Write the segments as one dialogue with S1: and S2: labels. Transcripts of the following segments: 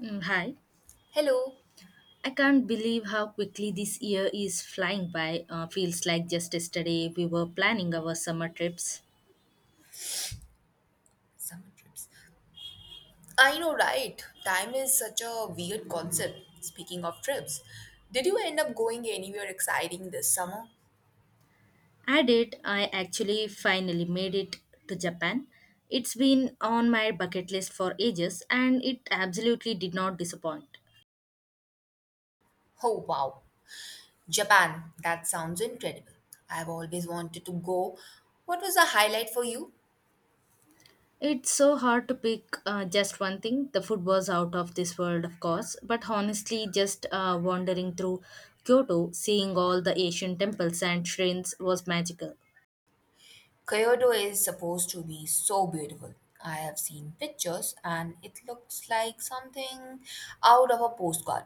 S1: Mm, hi.
S2: Hello.
S1: I can't believe how quickly this year is flying by. Feels like just yesterday we were planning our summer trips.
S2: Summer trips. I know, right? Time is such a weird concept. Speaking of trips, did you end up going anywhere exciting this summer?
S1: I did. I actually finally made it to Japan. It's been on my bucket list for ages and it absolutely did not disappoint.
S2: Oh, wow. Japan. That sounds incredible. I've always wanted to go. What was the highlight for you?
S1: It's so hard to pick just one thing. The food was out of this world, of course, but honestly, just wandering through Kyoto, seeing all the Asian temples and shrines was magical.
S2: Kyoto is supposed to be so beautiful. I have seen pictures and it looks like something out of a postcard.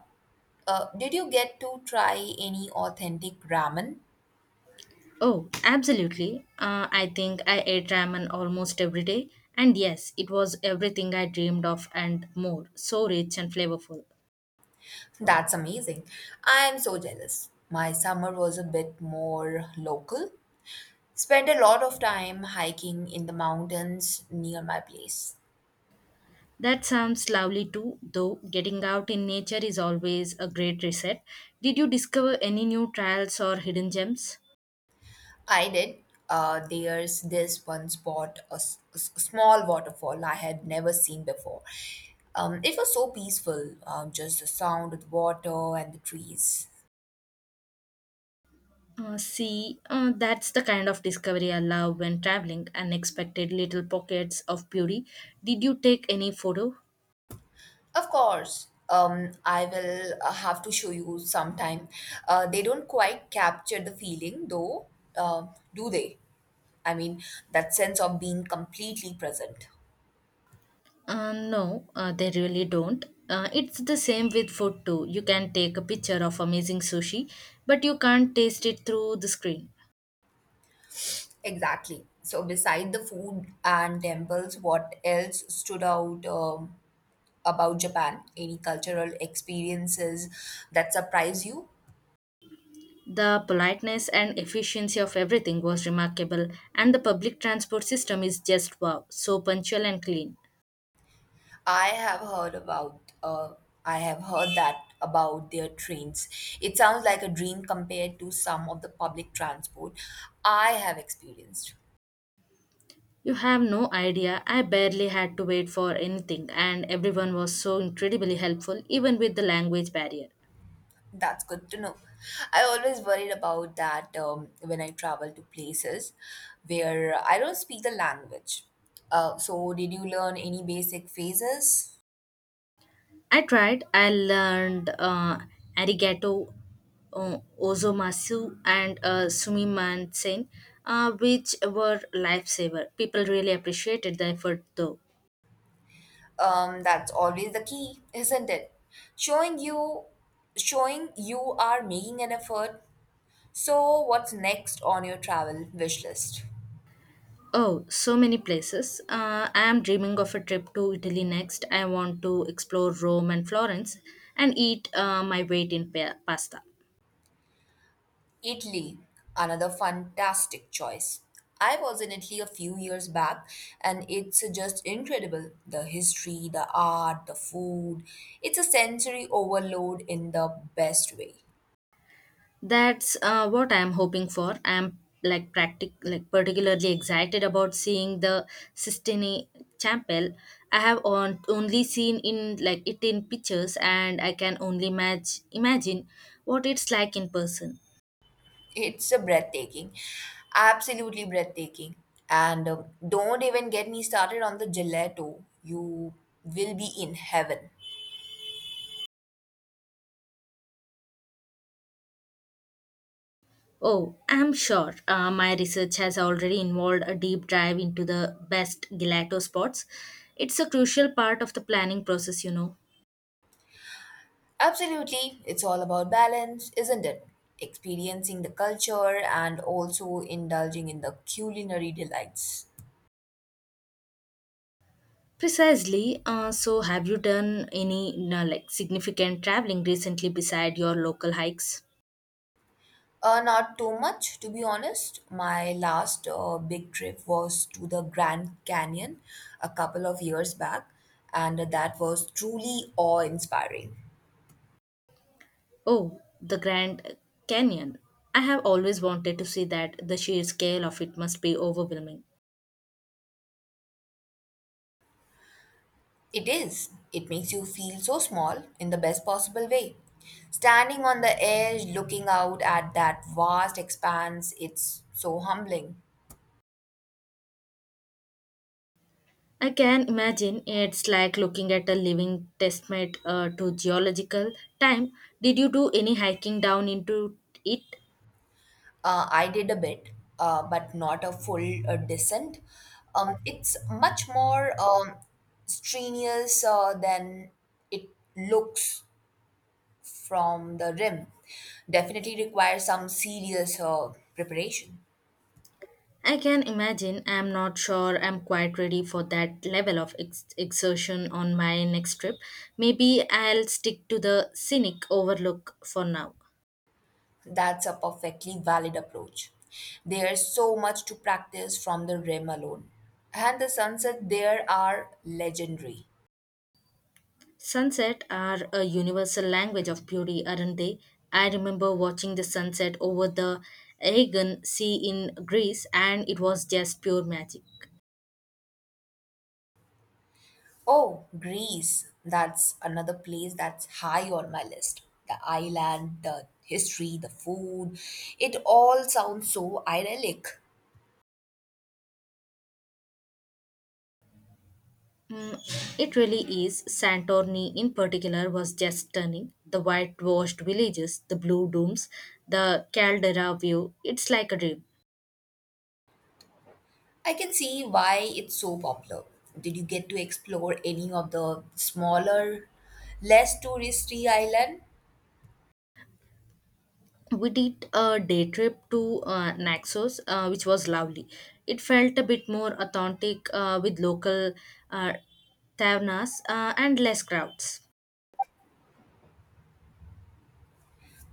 S2: Did you get to try any authentic ramen?
S1: Oh, absolutely. I think I ate ramen almost every day. And yes, it was everything I dreamed of and more. So rich and flavorful.
S2: That's amazing. I'm so jealous. My summer was a bit more local. Spent a lot of time hiking in the mountains near my place.
S1: That sounds lovely too, though getting out in nature is always a great reset. Did you discover any new trials or hidden gems?
S2: I did. There's this one spot, a small waterfall I had never seen before. It was so peaceful, just the sound of the water and the trees.
S1: See, that's the kind of discovery I love when traveling, unexpected little pockets of beauty. Did you take any photo?
S2: Of course, I will have to show you sometime. They don't quite capture the feeling though, uh, do they? I mean, that sense of being completely present.
S1: No, they really don't. It's the same with food too. You can take a picture of amazing sushi, but you can't taste it through the screen.
S2: Exactly. So, beside the food and temples, what else stood out about Japan? Any cultural experiences that surprise you?
S1: The politeness and efficiency of everything was remarkable, and the public transport system is just wow, so punctual and clean.
S2: I have heard that about their trains. It sounds like a dream compared to some of the public transport I have experienced.
S1: You have no idea, I barely had to wait for anything, and everyone was so incredibly helpful, even with the language barrier.
S2: That's good to know. I always worried about that when I travel to places where I don't speak the language. So, did you learn any basic phrases?
S1: I tried. I learned arigato, ozomasu, and sumimasen, which were lifesaver. People really appreciated the effort, though.
S2: That's always the key, isn't it? Showing you, showing you are making an effort. So, what's next on your travel wish list?
S1: Oh, so many places. I am dreaming of a trip to Italy next. I want to explore Rome and Florence and eat my weight in pasta.
S2: Italy, another fantastic choice. I was in Italy a few years back and it's just incredible. The history, the art, the food. It's a sensory overload in the best way.
S1: That's what I'm hoping for. I'm like practic like particularly excited about seeing the Sistine Chapel. I have only seen in like it in pictures, and I can only match imagine what it's like in person.
S2: It's a breathtaking, absolutely breathtaking. And don't even get me started on the gelato. You will be in heaven.
S1: Oh, I'm sure my research has already involved a deep dive into the best gelato spots. It's a crucial part of the planning process, you know.
S2: Absolutely, it's all about balance, isn't it? Experiencing the culture and also indulging in the culinary delights.
S1: Precisely. So, have you done any like significant traveling recently beside your local hikes?
S2: Not too much, to be honest. My last big trip was to the Grand Canyon a couple of years back, and that was truly awe inspiring.
S1: Oh, the Grand Canyon. I have always wanted to see that. The sheer scale of it must be overwhelming.
S2: It is. It makes you feel so small in the best possible way. Standing on the edge, looking out at that vast expanse, it's so humbling.
S1: I can imagine it's like looking at a living testament to geological time. Did you do any hiking down into it?
S2: I did a bit, but not a full descent. It's much more strenuous than it looks from the rim. Definitely requires some serious preparation.
S1: I can imagine. I'm not sure I'm quite ready for that level of exertion on my next trip. Maybe I'll stick to the scenic overlook for now.
S2: That's a perfectly valid approach. There's so much to practice from the rim alone. And the sunsets there are legendary.
S1: Sunset are a universal language of beauty, aren't they? I remember watching the sunset over the Aegean Sea in Greece, and it was just pure magic.
S2: Oh, Greece. That's another place that's high on my list. The island, the history, the food. It all sounds so idyllic.
S1: Mm, it really is. Santorini, in particular, was just stunning. The whitewashed villages, the blue domes, the caldera view. It's like a dream.
S2: I can see why it's so popular. Did you get to explore any of the smaller, less touristy island?
S1: We did a day trip to Naxos, which was lovely. It felt a bit more authentic with local uh, tavernas and less crowds.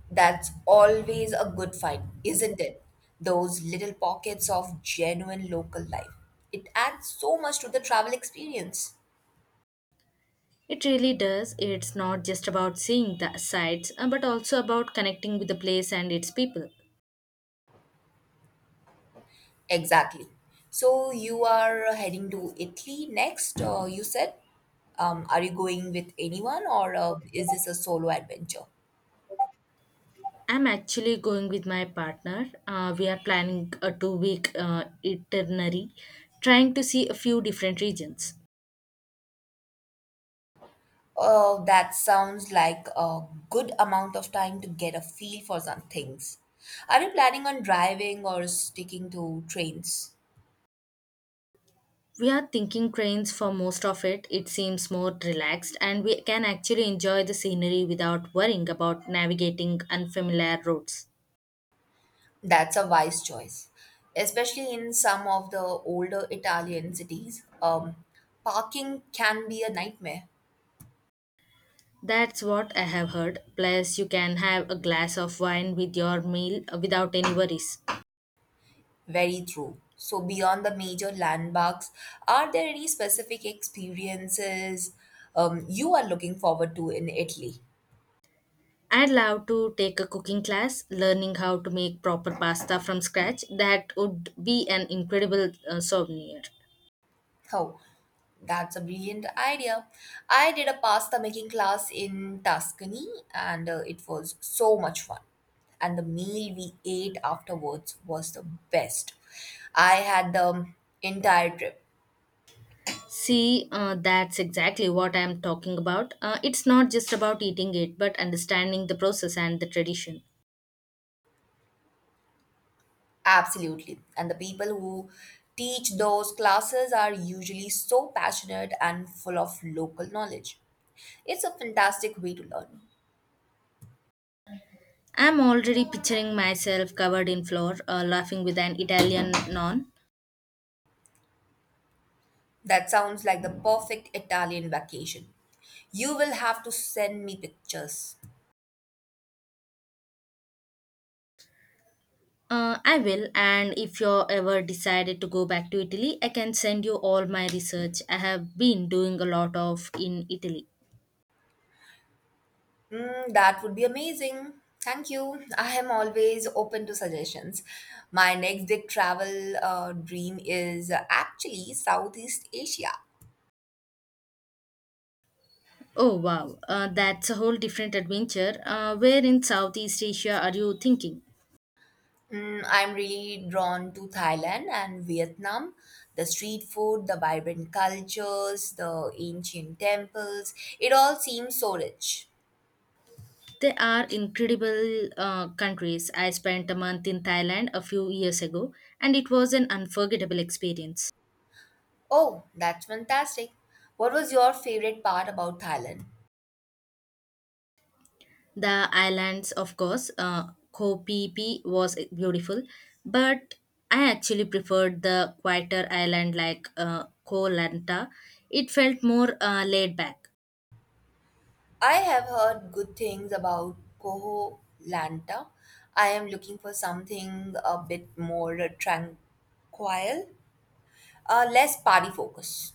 S2: That's always a good find, isn't it? Those little pockets of genuine local life. It adds so much to the travel experience.
S1: It really does. It's not just about seeing the sights, but also about connecting with the place and its people.
S2: Exactly. So you are heading to Italy next, you said? Are you going with anyone or is this a solo adventure?
S1: I'm actually going with my partner. We are planning a 2 week itinerary, trying to see a few different regions.
S2: Oh, that sounds like a good amount of time to get a feel for some things. Are you planning on driving or sticking to trains?
S1: We are thinking trains for most of it. It seems more relaxed, and we can actually enjoy the scenery without worrying about navigating unfamiliar roads.
S2: That's a wise choice, especially in some of the older Italian cities. Parking can be a nightmare.
S1: That's what I have heard. Plus, you can have a glass of wine with your meal without any worries.
S2: Very true. So, beyond the major landmarks, are there any specific experiences you are looking forward to in Italy?
S1: I'd love to take a cooking class, learning how to make proper pasta from scratch. That would be an incredible souvenir.
S2: Oh, that's a brilliant idea. I did a pasta making class in Tuscany and it was so much fun. And the meal we ate afterwards was the best I had the entire trip.
S1: See, that's exactly what I'm talking about. It's not just about eating it, but understanding the process and the tradition.
S2: Absolutely. And the people who teach those classes are usually so passionate and full of local knowledge. It's a fantastic way to learn.
S1: I'm already picturing myself covered in flour, laughing with an Italian non.
S2: That sounds like the perfect Italian vacation. You will have to send me pictures.
S1: I will, and if you're ever decided to go back to Italy, I can send you all my research. I have been doing a lot of in Italy.
S2: Mm, that would be amazing. Thank you. I am always open to suggestions. My next big travel dream is actually Southeast Asia.
S1: Oh wow, that's a whole different adventure. Where in Southeast Asia are you thinking?
S2: Mm, I'm really drawn to Thailand and Vietnam. The street food, the vibrant cultures, the ancient temples, it all seems so rich.
S1: They are incredible countries. I spent a month in Thailand a few years ago, and it was an unforgettable experience.
S2: Oh, that's fantastic. What was your favorite part about Thailand?
S1: The islands, of course, Koh Phi Phi was beautiful, but I actually preferred the quieter island like Koh Lanta. It felt more laid back.
S2: I have heard good things about Koh Lanta. I am looking for something a bit more tranquil, less party focus.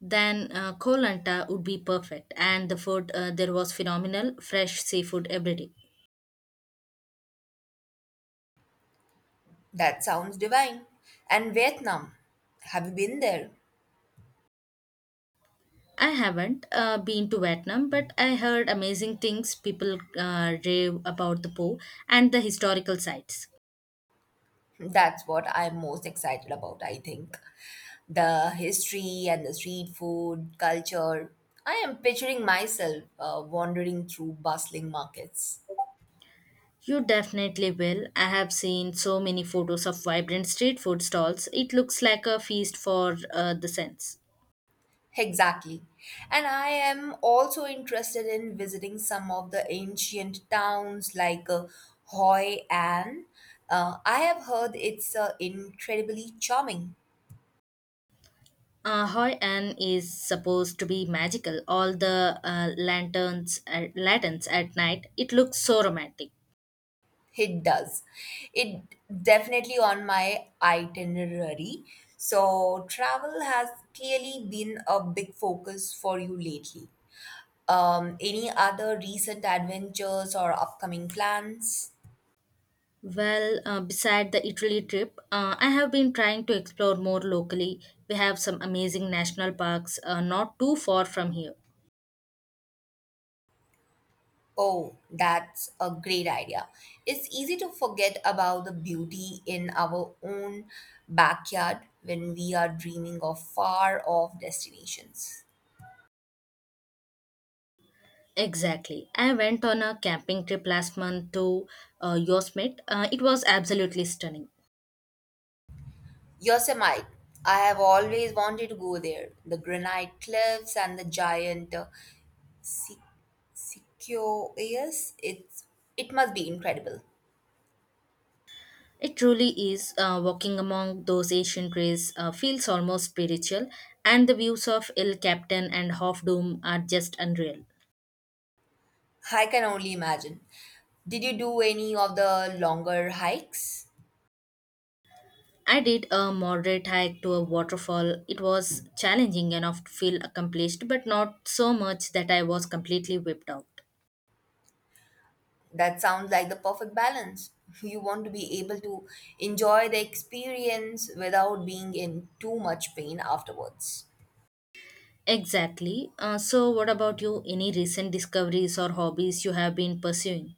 S1: Then kolanta would be perfect, and the food there was phenomenal, fresh seafood every day.
S2: That sounds divine. And Vietnam, have you been there?
S1: I haven't been to vietnam, but I heard amazing things. People rave about the po and the historical sites.
S2: That's what I'm most excited about, I think. The history and the street food, culture. I am picturing myself wandering through bustling markets.
S1: You definitely will. I have seen so many photos of vibrant street food stalls. It looks like a feast for the sense.
S2: Exactly. And I am also interested in visiting some of the ancient towns like Hoi An. I have heard it's incredibly charming.
S1: Hoi An is supposed to be magical. All the lanterns at night. It looks so romantic.
S2: It does. It definitely on my itinerary. So travel has clearly been a big focus for you lately. Any other recent adventures or upcoming plans?
S1: Well, beside the Italy trip, I have been trying to explore more locally. We have some amazing national parks not too far from here.
S2: Oh, that's a great idea. It's easy to forget about the beauty in our own backyard when we are dreaming of far off destinations.
S1: Exactly. I went on a camping trip last month to Yosemite. It was absolutely stunning.
S2: Yosemite. I have always wanted to go there. The granite cliffs and the giant se- sequoias. It must be incredible.
S1: It truly is. Walking among those ancient trees feels almost spiritual, and the views of El Capitan and Half Dome are just unreal.
S2: I can only imagine. Did you do any of the longer hikes?
S1: I did a moderate hike to a waterfall. It was challenging enough to feel accomplished, but not so much that I was completely whipped out.
S2: That sounds like the perfect balance. You want to be able to enjoy the experience without being in too much pain afterwards.
S1: Exactly. So, what about you? Any recent discoveries or hobbies you have been pursuing?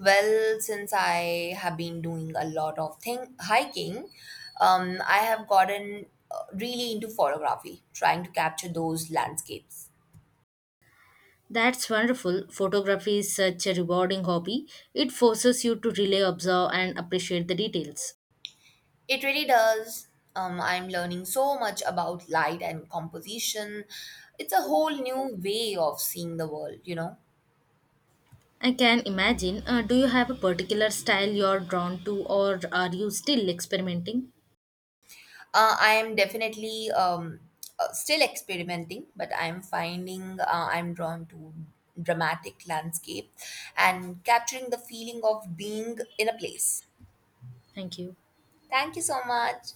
S2: Well, since I have been doing a lot of thing hiking, I have gotten really into photography, trying to capture those landscapes.
S1: That's wonderful. Photography is such a rewarding hobby. It forces you to really observe and appreciate the details.
S2: It really does. I'm learning so much about light and composition. It's a whole new way of seeing the world, you know.
S1: I can imagine. Do you have a particular style you're drawn to, or are you still experimenting?
S2: I am definitely still experimenting, but I'm finding I'm drawn to dramatic landscape and capturing the feeling of being in a place.
S1: Thank you.
S2: Thank you so much.